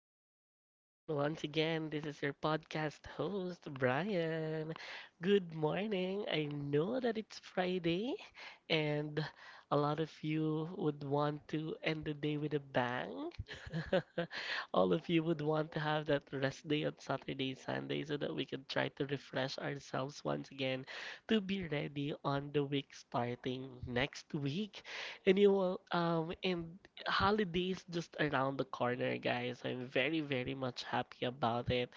and gentlemen, once again, this is your podcast host, Brian. Good morning. I know that it's Friday, and a lot of you would want to end the day with a bang. All of you would want to have that rest day on Saturday, Sunday, so that we can try to refresh ourselves once again to be ready on the week starting next week. And you will, and holidays just around the corner, guys. I'm very, very much happy about it.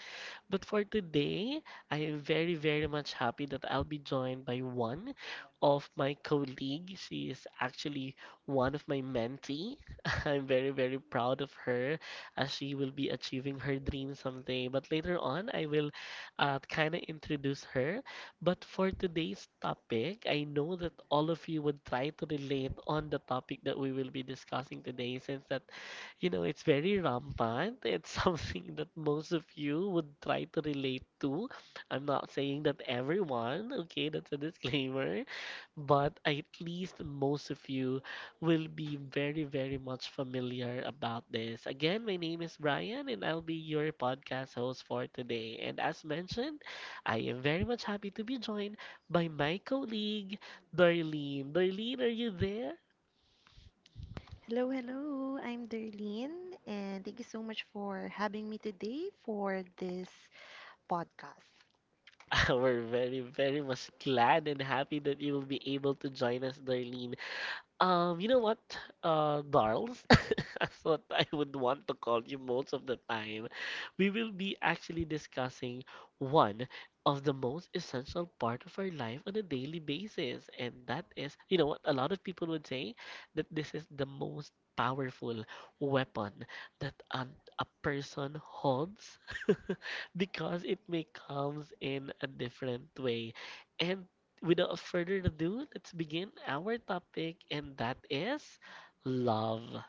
But for today, I am very, very much happy that I'll be joined by one of my colleague. She is actually one of my mentee. I'm very, very proud of her as she will be achieving her dream someday. But later on, I will kind of introduce her. But for today's topic, I know that all of you would try to relate on the topic that we will be discussing today since that you know, it's very rampant. It's something that most of you would try to relate to. I'm not saying that everyone, okay, that's a disclaimer, but at least most of you will be very, very much familiar about this. Again, my name is Brian, and I'll be your podcast host for today. And as mentioned, I am very much happy to be joined by my colleague, Darlene. Darlene, are you there? Hello, hello. I'm Darlene, and thank you so much for having me today for this podcast. We're very, very much glad and happy that you will be able to join us, Darlene. You know what, Darls, that's what I would want to call you most of the time. We will be actually discussing one of the most essential part of our life on a daily basis, and that is, you know what, a lot of people would say that this is the most powerful weapon that a person holds because it may comes in a different way. And without further ado, let's begin our topic, and that is love.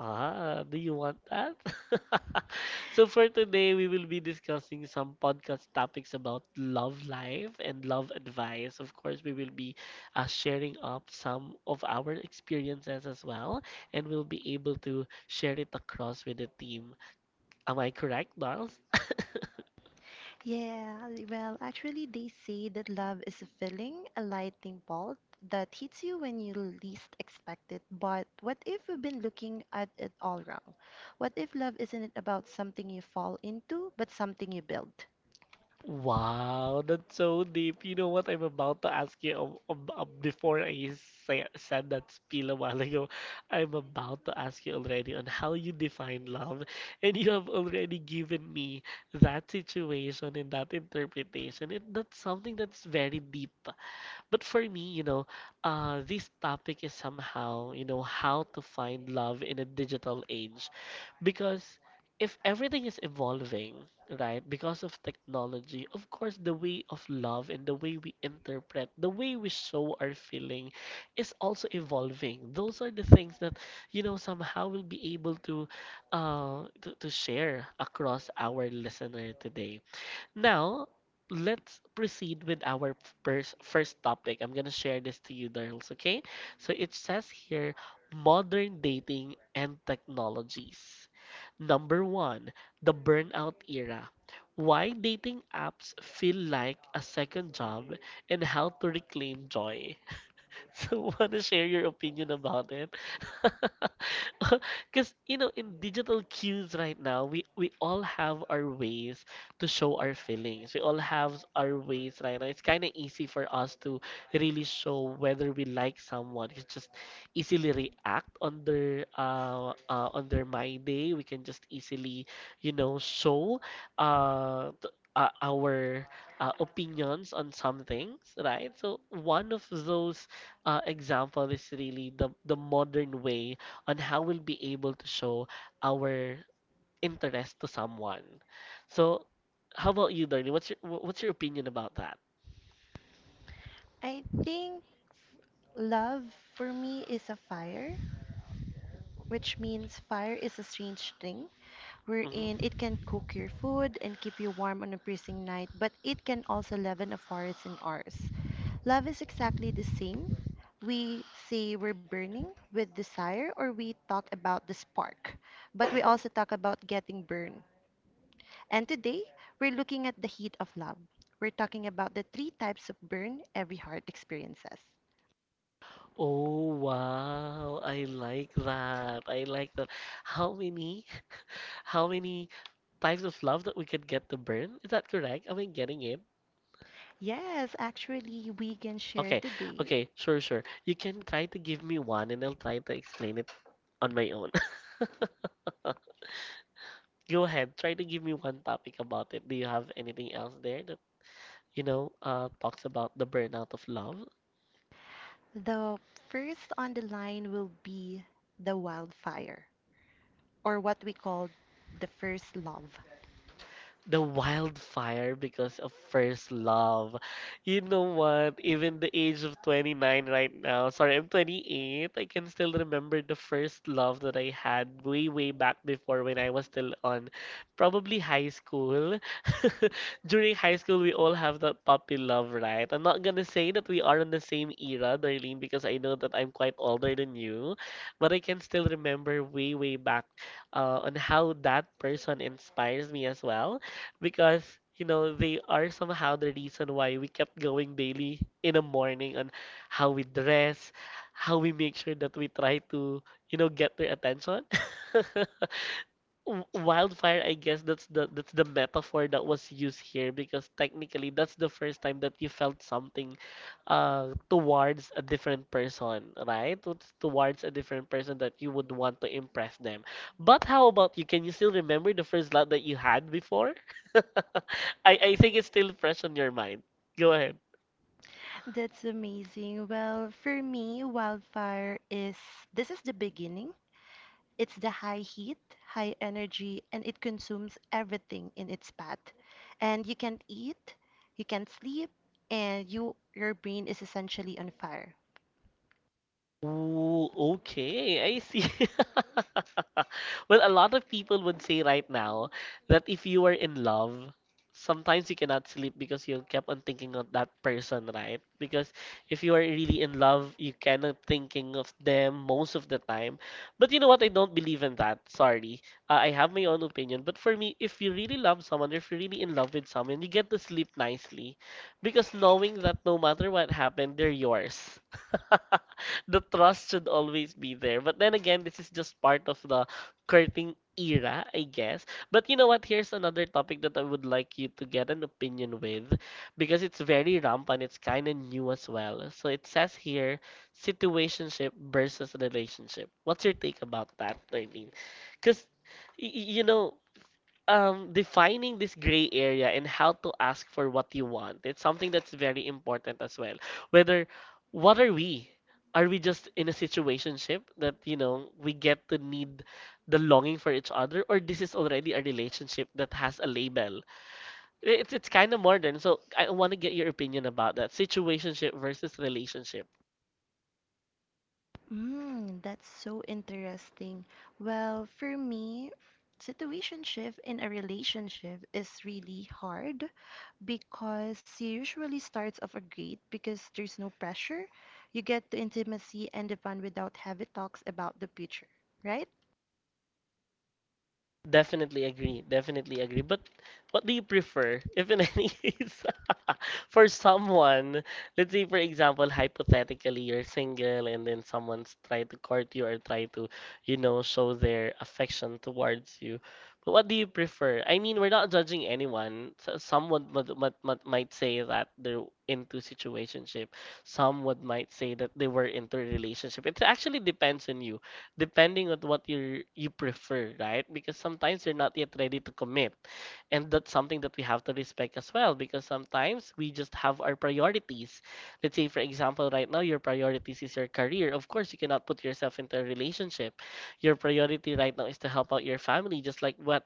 Ah, do you want that? So for today, we will be discussing some podcast topics about love life and love advice. Of course, we will be sharing up some of our experiences as well, and we'll be able to share it across with the team. Am I correct, Darls? Yeah, well, actually, they say that love is a feeling, a lightning bolt that hits you when you least expect it. But what if we've been looking at it all wrong? What if love isn't about something you fall into, but something you build? Wow, that's so deep. You know what I'm about to ask you before I said that spiel a while ago. I'm about to ask you already on how you define love, and you have already given me that situation and that interpretation, and that's something that's very deep. But for me, you know, this topic is somehow, you know, how to find love in a digital age. Because if everything is evolving, right, because of technology, of course, the way of love and the way we interpret, the way we show our feeling is also evolving. Those are the things that, you know, somehow we'll be able to, to share across our listener today. Now, let's proceed with our first topic. I'm gonna share this to you, girls, okay? So it says here modern dating and technologies. Number one, the burnout era. Why dating apps feel like a second job and how to reclaim joy. So, wanna share your opinion about it? Because, you know, in digital cues right now, we all have our ways to show our feelings. We all have our ways right now. It's kind of easy for us to really show whether we like someone. We just easily react on their my day. We can just easily, you know, show our opinions on some things, right? So one of those example is really the modern way on how we'll be able to show our interest to someone. So, how about you, Darlene? What's your opinion about that? I think love for me is a fire, which means fire is a strange thing, wherein Hmm. it can cook your food and keep you warm on a freezing night, but it can also leaven a forest in ours. Love is exactly the same. We say we're burning with desire, or we talk about the spark, but we also talk about getting burned. And today, we're looking at the heat of love. We're talking about the three types of burn every heart experiences. Oh wow, I like that. I like that. How many how many types of love that we can get to burn? Is that correct? Am I getting it? Yes, actually, we can share Okay, okay, today. sure, sure. You can try to give me one and I'll try to explain it on my own. Go ahead, try to give me one topic about it. Do you have anything else there that, you know, talks about the burnout of love? The first on the line will be the wildfire, or what we call the first love. The wildfire because of first love. You know what? Even the age of 29 right now, sorry, I'm 28, I can still remember the first love that I had way, way back before when I was still on probably high school. During high school, we all have that puppy love, right? I'm not gonna say that we are in the same era, Darlene, because I know that I'm quite older than you, but I can still remember way, way back on how that person inspires me as well because you know they are somehow the reason why we kept going daily in the morning on how we dress, how we make sure that we try to you know get their attention. Wildfire, I guess that's the metaphor that was used here because technically that's the first time that you felt something towards a different person, right? Towards a different person that you would want to impress them. But how about you? Can you still remember the first love that you had before? I think it's still fresh on your mind. Go ahead. That's amazing. Well, for me, wildfire is this is the beginning. It's the high heat, high energy, and it consumes everything in its path. And you can't eat, you can't sleep, and your brain is essentially on fire. Ooh, okay, I see. Well, a lot of people would say right now that if you are in love, sometimes you cannot sleep because you kept on thinking of that person, right? Because if you are really in love, you cannot thinking of them most of the time. But you know what? I don't believe in that. Sorry. I have my own opinion. But for me, if you really love someone, if you're really in love with someone, you get to sleep nicely because knowing that no matter what happened, they're yours. The trust should always be there. But then again, this is just part of the courting era, I guess. But you know what? Here's another topic that I would like you to get an opinion with because it's very rampant. It's kind of new as well. So it says here situationship versus relationship. What's your take about that, Darlene? Because, you know, defining this gray area and how to ask for what you want. It's something that's very important as well. Whether, what are we? Are we just in a situationship that, you know, we get to need the longing for each other, or this is already a relationship that has a label? It's kind of modern, so I want to get your opinion about that. Situationship versus relationship. Mm, that's so interesting. Well, for me, situationship in a relationship is really hard because you usually starts off a great because there's no pressure. You get the intimacy and the fun without heavy talks about the future, right? Definitely agree. Definitely agree. But what do you prefer, if in any case, for someone, let's say for example, hypothetically, you're single and then someone's trying to court you or try to, you know, show their affection towards you. But what do you prefer? I mean, we're not judging anyone. So someone might say that they're into situationship. Some would might say that they were into a relationship. It actually depends on you depending on what you prefer, right? Because sometimes you're not yet ready to commit. And that's something that we have to respect as well because sometimes we just have our priorities. Let's say, for example, right now your priorities is your career. Of course, you cannot put yourself into a relationship. Your priority right now is to help out your family, just like what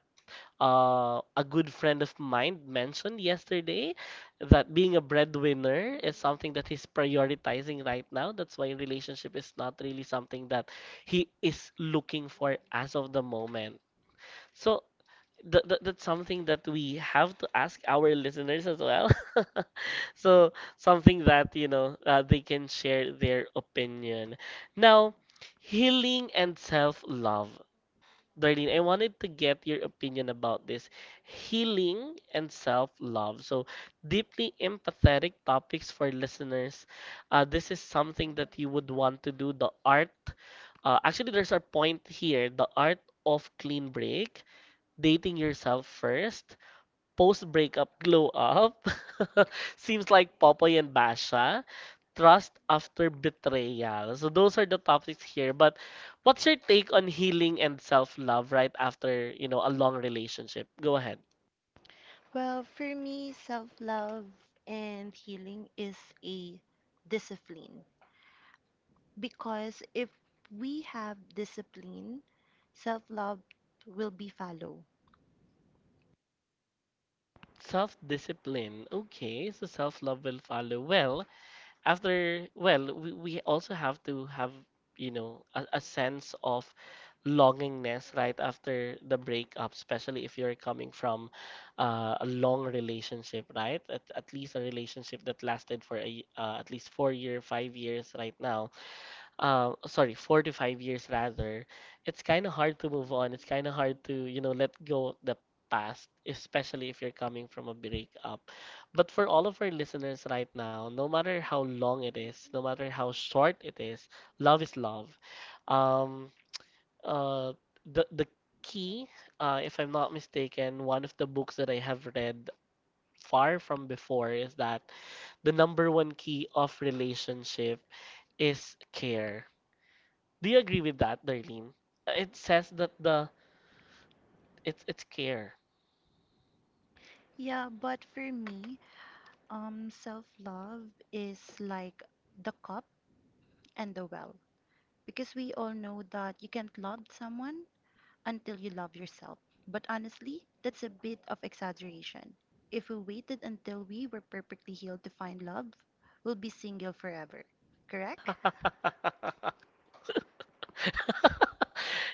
a good friend of mine mentioned yesterday that being a breadwinner is something that he's prioritizing right now. That's why relationship is not really something that he is looking for as of the moment. So that's something that we have to ask our listeners as well. So something that, you know, they can share their opinion. Now, healing and self-love. Darlene, I wanted to get your opinion about this healing and self-love. So, deeply empathetic topics for listeners. This is something that you would want to do. The art, actually, there's a point here. The art of clean break, dating yourself first, post-breakup glow up. Seems like Popoy and Basha trust after betrayal. So those are the topics here. But what's your take on healing and self-love right after, you know, a long relationship? Go ahead. Well, for me, self-love and healing is a discipline, because if we have discipline, self-love will be follow. Self-discipline. Okay, so self-love will follow. Well, we also have to have a sense of longingness right after the breakup, especially if you're coming from a long relationship, right? At least a relationship that lasted for at least 4 year 5 years right now, sorry, 4 to 5 years rather. It's kind of hard to move on. It's kind of hard to, let go of the past, especially if you're coming from a breakup. But for all of our listeners right now, no matter how long it is, no matter how short it is, love is love. Um, uh, the key, if I'm not mistaken, one of the books that I have read far from before is that the number one key of relationship is care. Do you agree with that, Darlene? It says that the it's care. Yeah, but for me, self-love is like the cup and the well. Because we all know that you can't love someone until you love yourself. But honestly, that's a bit of exaggeration. If we waited until we were perfectly healed to find love, we'll be single forever. Correct?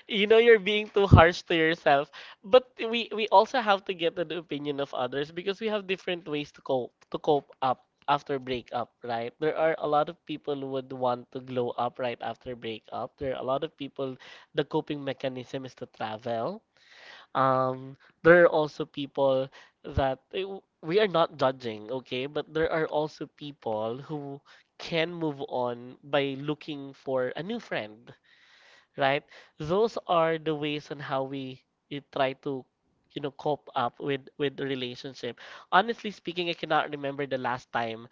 You know you're being too harsh to yourself, but we also have to get the opinion of others, because we have different ways to cope up after breakup, right? There are a lot of people who would want to glow up right after breakup. There are a lot of people the coping mechanism is to travel. Um, there are also people that we are not judging, okay? But there are also people who can move on by looking for a new friend, right? Those are the ways on how we try to, you know, cope up with the relationship. Honestly speaking, I cannot remember the last time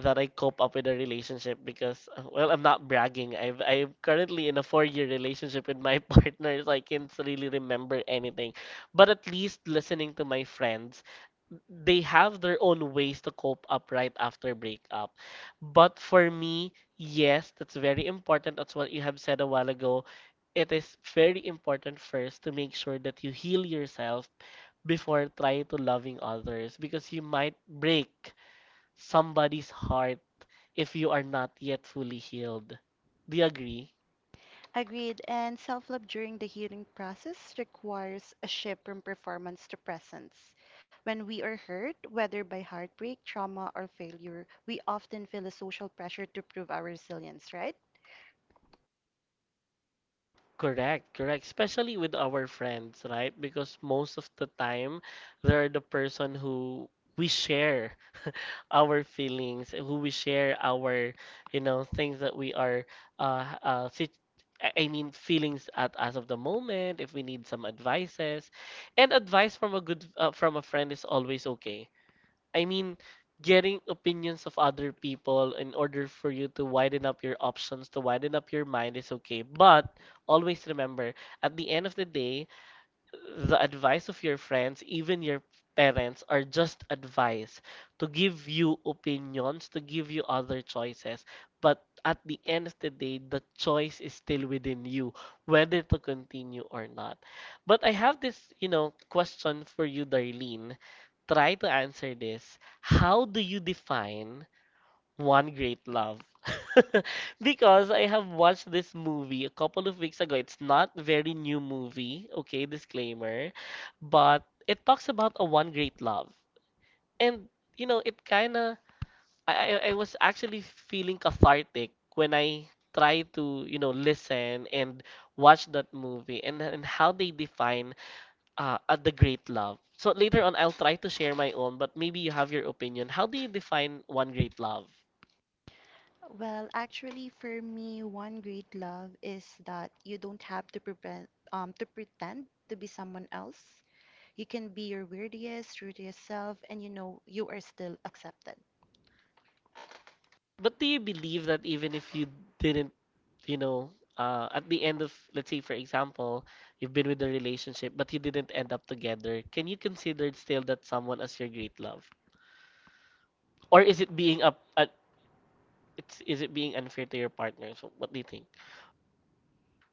that I cope up with a relationship, because, well, I'm not bragging. I'm currently in a four-year relationship with my partner, so I can't really remember anything. But at least listening to my friends, they have their own ways to cope up right after breakup. But for me, yes, that's very important. That's what you have said a while ago. It is very important first to make sure that you heal yourself before trying to loving others, because you might break somebody's heart if you are not yet fully healed. Do you agree? Agreed. And self love during the healing process requires a shift from performance to presence. When we are hurt, whether by heartbreak, trauma, or failure, we often feel a social pressure to prove our resilience, right? Correct, correct. Especially with our friends, right? Because most of the time, they're the person who we share our feelings, who we share our, you know, things that we are, sit I mean, feelings at as of the moment. If we need some advices, and advice from a good, from a friend is always okay. I mean, getting opinions of other people in order for you to widen up your options, to widen up your mind is okay. But always remember, at the end of the day, the advice of your friends, even your parents, are just advice to give you opinions, to give you other choices. But at the end of the day, the choice is still within you, whether to continue or not. But I have this, you know, question for you, Darlene. Try to answer this. How do you define one Great Love? Because I have watched this movie a couple of weeks ago. It's not very new movie, okay, disclaimer, but it talks about a one great love. And you know, it kind of I was actually feeling cathartic when I try to, you know, listen and watch that movie, and how they define the great love. So later on I'll try to share my own, but maybe you have your opinion. How do you define one great love? Well, actually, for me, one great love is that you don't have to prevent, to pretend to be someone else. You can be your weirdest, rudest self, and you know you are still accepted. But do you believe that even if you didn't, you know, at the end of, let's say, for example, you've been with a relationship, but you didn't end up together, can you consider still that someone as your great love? Or is it being is it being unfair to your partner? So what do you think?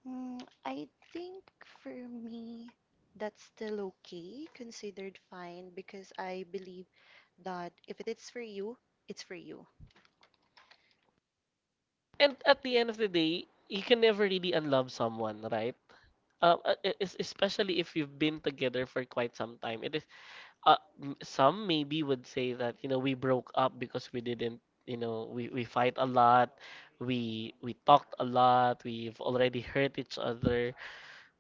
Mm, I think for me, that's still okay, considered fine, because I believe that if it is for you, it's for you. And at the end of the day, you can never really unlove someone, right? Especially if you've been together for quite some time, it is some maybe would say that, you know, we broke up because we didn't, you know, we fight a lot, we talked a lot, we've already hurt each other.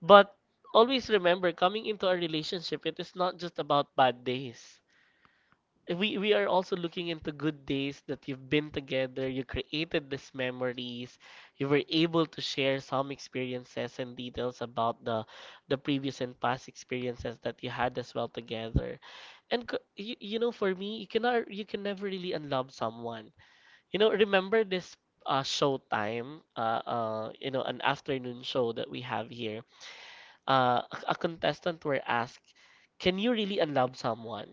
But always remember, coming into a relationship, it is not just about bad days. We are also looking into good days, that you've been together, you created these memories, you were able to share some experiences and details about the previous and past experiences that you had as well together. And you know, for me, you cannot, you can never really unlove someone. You know, remember this show time, you know, an afternoon show that we have here. A contestant were asked, "Can you really unlove someone?"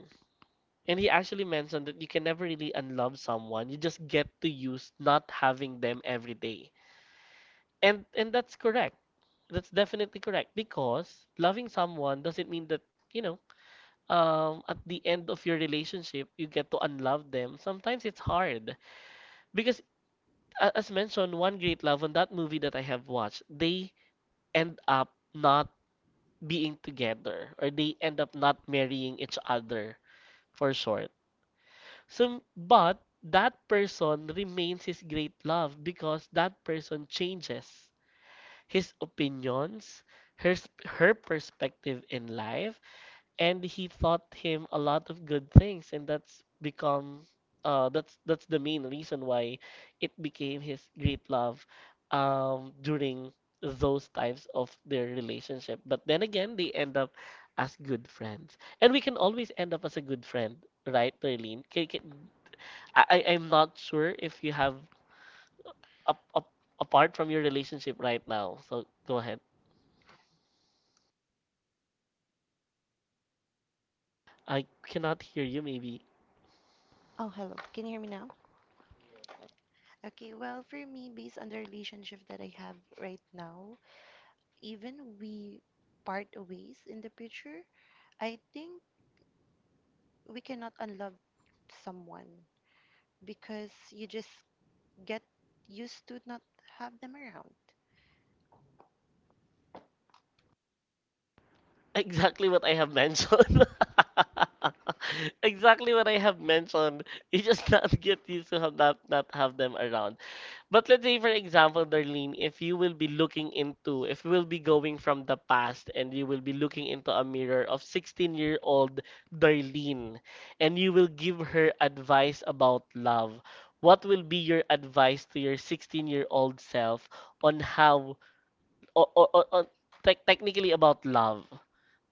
And he actually mentioned that you can never really unlove someone. You just get to use not having them every day. And that's correct. That's definitely correct, because loving someone doesn't mean that, you know, at the end of your relationship, you get to unlove them. Sometimes it's hard because, as mentioned, one great love on that movie that I have watched, they end up not being together, or they end up not marrying each other, for short. So, but that person remains his great love, because that person changes his opinions, her s- her perspective in life, and he taught him a lot of good things, and that's become that's the main reason why it became his great love, during those times of their relationship. But then again, they end up as good friends, and we can always end up as a good friend, right, Perlene? I'm not sure if you have up, up, apart from your relationship right now, so go ahead. I cannot hear you maybe. Oh, hello. Can you hear me now? Okay, well, for me, based on the relationship that I have right now, even we part ways in the future, I think we cannot unlove someone because you just get used to not have them around. Exactly what I have mentioned. Exactly what I have mentioned. You just not get used to have not have them around. But let's say, for example, Darlene, if you will be looking into, if you will be going from the past and you will be looking into a mirror of 16-year-old Darlene, and you will give her advice about love, what will be your advice to your 16-year-old self on how, or, or, or, technically about love?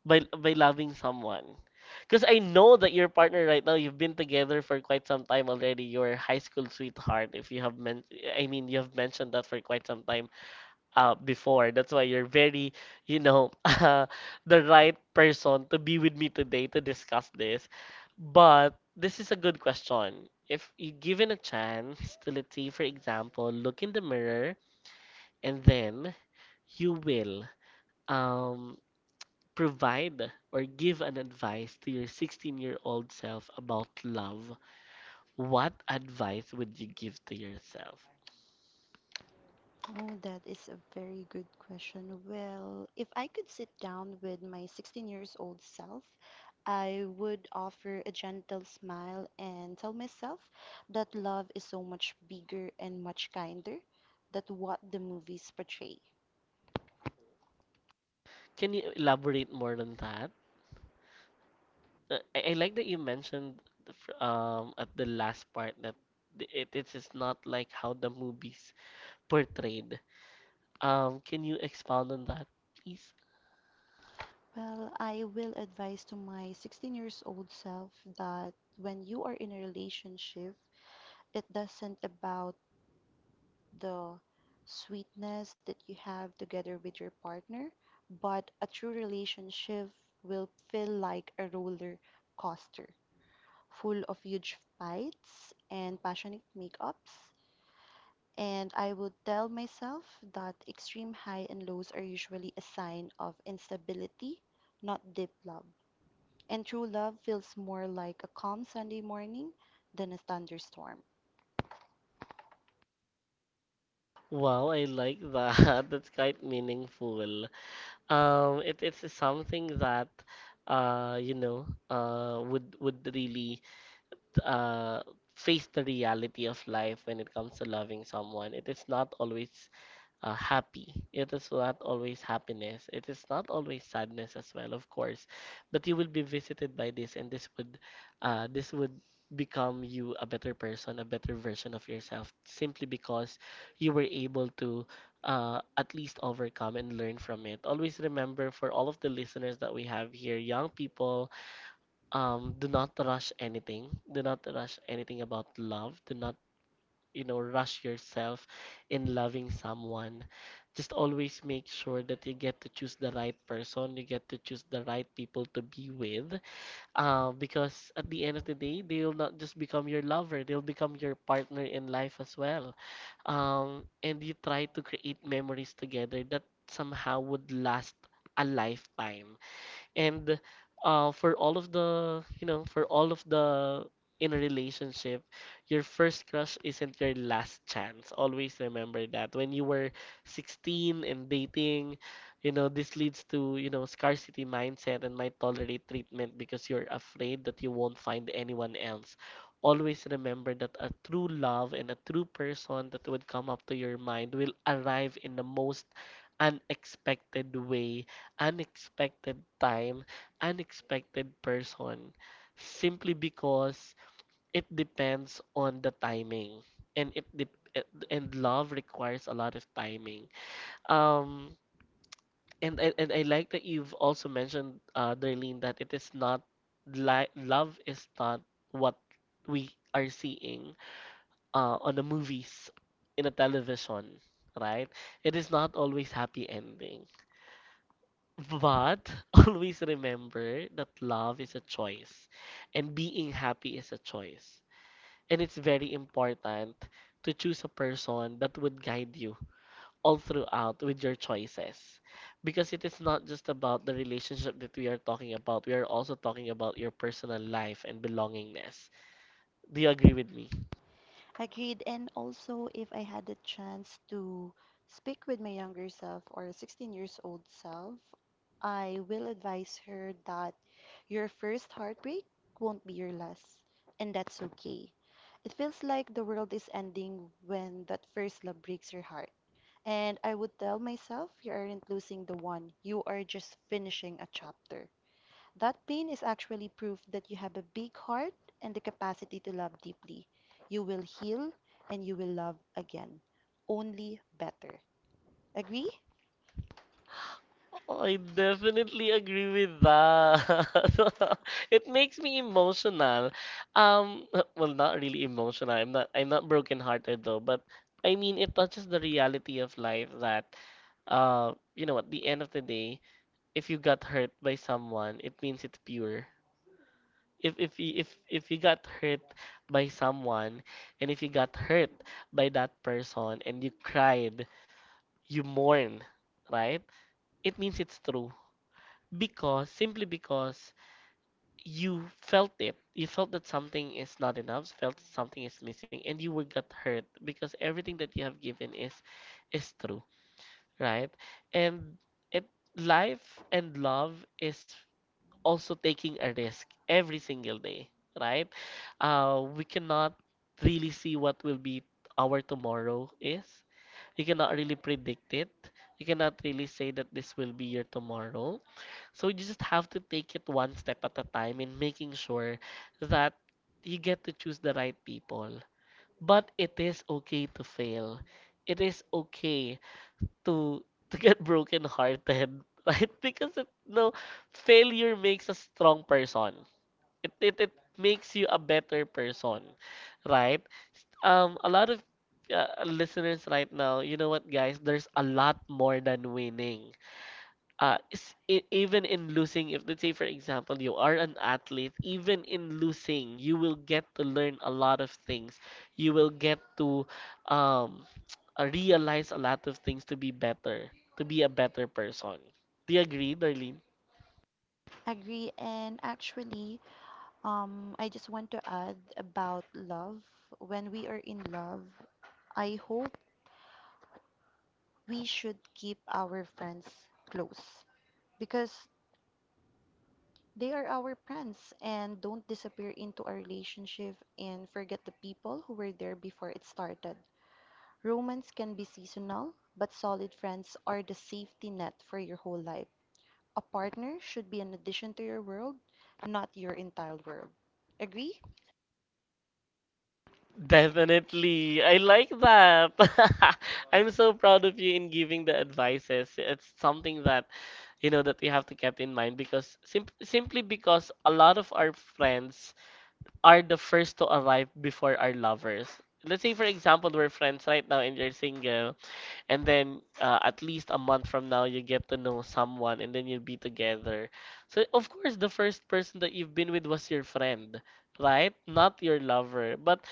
By loving someone. Because I know that your partner right now, you've been together for quite some time already. Your high school sweetheart, if you have men, I mean, you have mentioned that for quite some time before. That's why you're very, you know, the right person to be with me today to discuss this. But this is a good question. If you given a chance to, let's say, for example, look in the mirror, and then you will um Provide or give an advice to your 16-year-old self about love. What advice would you give to yourself? Oh, that is a very good question. Well, if I could sit down with my 16 years old self, I would offer a gentle smile and tell myself that love is so much bigger and much kinder than what the movies portray. Can you elaborate more on that? I like that you mentioned the at the last part that it is not like how the movies portrayed. Can you expound on that, please? Well, I will advise to my 16 years old self that when you are in a relationship, it doesn't about the sweetness that you have together with your partner, but a true relationship will feel like a roller coaster full of huge fights and passionate makeups. And I would tell myself that extreme high and lows are usually a sign of instability, not deep love. And true love feels more like a calm Sunday morning than a thunderstorm. Wow, I like that. That's quite meaningful. It's something that you know would really uh, face the reality of life when it comes to loving someone. It is not always happy. It is not always happiness. It is not always sadness as well, of course. But you will be visited by this, and this would become you a better person, a better version of yourself, simply because you were able to. At least overcome and learn from it. Always remember for all of the listeners that we have here, young people, do not rush anything, about love. Do not, you know, rush yourself in loving someone. Just always make sure that you get to choose the right person, you get to choose the right people to be with, because at the end of the day they'll not just become your lover, they'll become your partner in life as well. And you try to create memories together that somehow would last a lifetime. And for all of the, you know, for all of the in a relationship, your first crush isn't your last chance. Always remember that when you were 16 and dating, you know, this leads to, you know, scarcity mindset, and might tolerate treatment because you're afraid that you won't find anyone else. Always remember that a true love and a true person that would come up to your mind will arrive in the most unexpected way, unexpected time, unexpected person, simply because it depends on the timing, and it dep and love requires a lot of timing. Um, and and I like that you've also mentioned, Darlene, that it is not like love is not what we are seeing, on the movies, in a television, right? It is not always happy ending. But always remember that love is a choice, and being happy is a choice. And it's very important to choose a person that would guide you all throughout with your choices. Because it is not just about the relationship that we are talking about, we are also talking about your personal life and belongingness. Do you agree with me? Agreed. And also, if I had the chance to speak with my younger self or 16 years old self, I will advise her that your first heartbreak won't be your last, and that's okay. It feels like the world is ending when that first love breaks your heart. And I would tell myself you aren't losing the one, you are just finishing a chapter. That pain is actually proof that you have a big heart and the capacity to love deeply. You will heal and you will love again, only better. Agree? I definitely agree with that. It makes me emotional. Um, well, not really emotional. I'm not broken-hearted though, but I mean it touches the reality of life that at the end of the day, if you got hurt by someone, it means it's pure. If you got hurt by someone and if you got hurt by that person and you cried, you mourn, right? It means it's true because simply because you felt it. You felt that something is not enough felt something is missing and you were got hurt because everything that you have given is true, right? And it life and love is also taking a risk every single day, right? We cannot really see what will be our tomorrow is. You cannot really predict it. You cannot really say that this will be your tomorrow. So you just have to take it one step at a time in making sure that you get to choose the right people. But it is okay to fail. It is okay to get broken hearted, right? Because it, no failure makes a strong person. It makes you a better person, right? A lot of listeners right now, you know what, guys? There's a lot more than winning even in losing, if let's say, for example, you are an athlete, even in losing, you will get to learn a lot of things. You will get to um, realize a lot of things to be better, to be a better person. Do you agree, Darlene? Agree. And actually, I just want to add about love. When we are in love, I hope we should keep our friends close because they are our friends and don't disappear into a relationship and forget the people who were there before it started. Romance can be seasonal, but solid friends are the safety net for your whole life. A partner should be an addition to your world, not your entire world. Agree? Definitely. I like that. I'm so proud of you in giving the advices. It's something that you know that we have to keep in mind because simply because a lot of our friends are the first to arrive before our lovers. Let's say, for example, we're friends right now and you're single, and then at least a month from now, you get to know someone and then you'll be together. So, of course, the first person that you've been with was your friend, right? Not your lover. But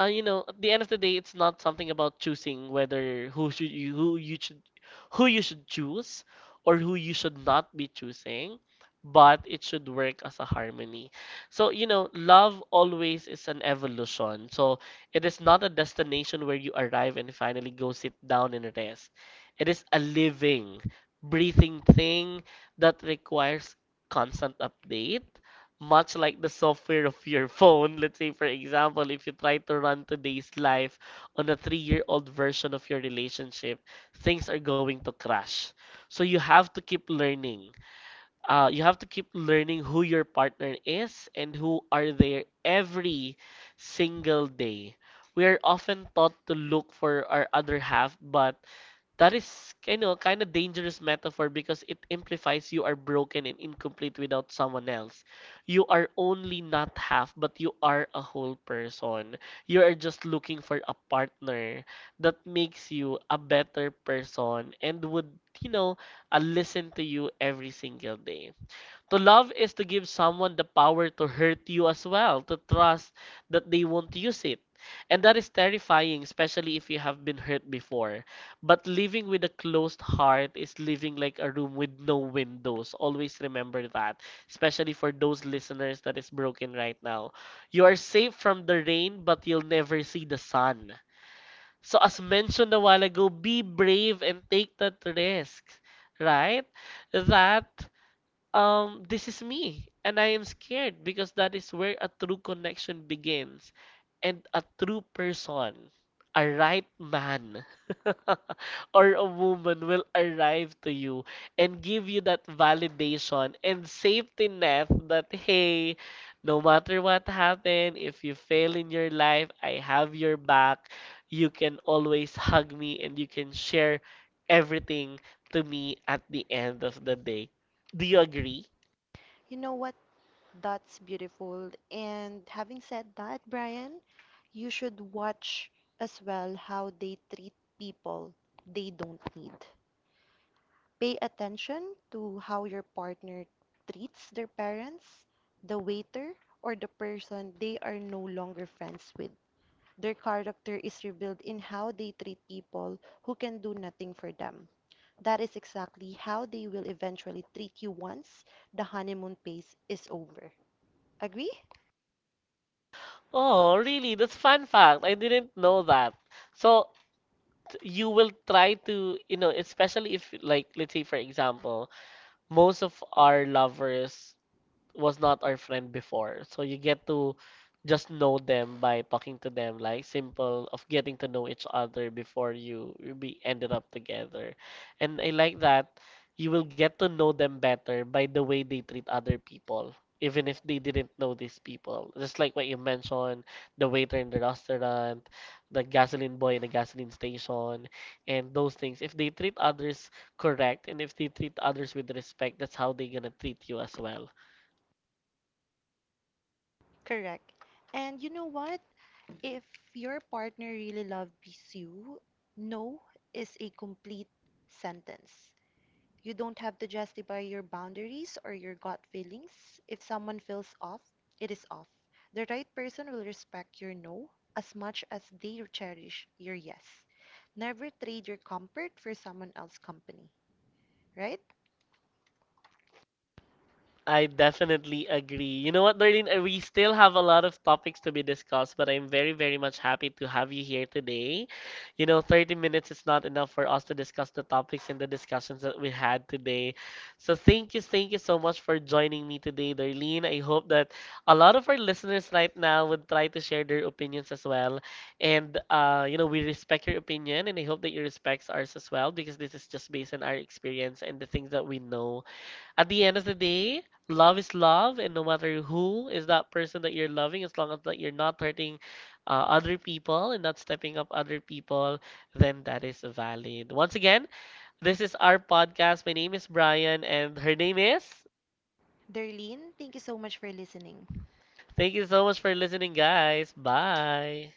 you know, at the end of the day, it's not something about choosing whether who should you who you should choose or who you should not be choosing, but it should work as a harmony. So, you know, love always is an evolution. So, it is not a destination where you arrive and finally go sit down and rest. It is a living, breathing thing that requires constant update, much like the software of your phone. Let's say, for example, if you try to run today's life on a three-year-old version of your relationship, things are going to crash. So you have to keep learning. You have to keep learning who your partner is and who are there every single day. We are often taught to look for our other half, but that is, you know, kind of dangerous metaphor because it implies you are broken and incomplete without someone else. You are only not half, but you are a whole person. You are just looking for a partner that makes you a better person and would, you know listen to you every single day. To love is to give someone the power to hurt you as well, to trust that they won't use it. And that is terrifying, especially if you have been hurt before. But living with a closed heart is living like a room with no windows. Always remember that, especially for those listeners that is broken right now. You are safe from the rain, but you'll never see the sun. So, as mentioned a while ago, be brave and take that risk, right? That this is me, and I am scared because that is where a true connection begins, and a true person, a right man, or a woman will arrive to you and give you that validation and safety net that, hey, no matter what happened, if you fail in your life, I have your back. You can always hug me and you can share everything to me at the end of the day. Do you agree? You know what? That's beautiful. And having said that, Brian, you should watch as well how they treat people they don't need. Pay attention to how your partner treats their parents, the waiter, or the person they are no longer friends with. Their character is revealed in how they treat people who can do nothing for them. That is exactly how they will eventually treat you once the honeymoon phase is over. Agree? Oh, really? That's fun fact. I didn't know that. So you will try to, you know, especially if like let's say for example, most of our lovers was not our friend before. So you get to just know them by talking to them, like simple of getting to know each other before you be ended up together. And I like that you will get to know them better by the way they treat other people, even if they didn't know these people. Just like what you mentioned, the waiter in the restaurant, the gasoline boy in the gasoline station, and those things. If they treat others correct and if they treat others with respect, that's how they're gonna treat you as well. Correct. And you know what? If your partner really loves you, no is a complete sentence. You don't have to justify your boundaries or your gut feelings. If someone feels off, it is off. The right person will respect your no as much as they cherish your yes. Never trade your comfort for someone else's company, right? I definitely agree. You know what, Darlene? We still have a lot of topics to be discussed, but I'm very, very much happy to have you here today. You know, 30 minutes is not enough for us to discuss the topics and the discussions that we had today. So thank you so much for joining me today, Darlene. I hope that a lot of our listeners right now would try to share their opinions as well. And, you know, we respect your opinion, and I hope that you respect ours as well because this is just based on our experience and the things that we know at the end of the day. Love is love, and no matter who is that person that you're loving, as long as that you're not hurting other people and not stepping up other people, then that is valid. Once again, this is our podcast. My name is Brian, and her name is. Darlene, thank you so much for listening. Thank you so much for listening, guys. Bye.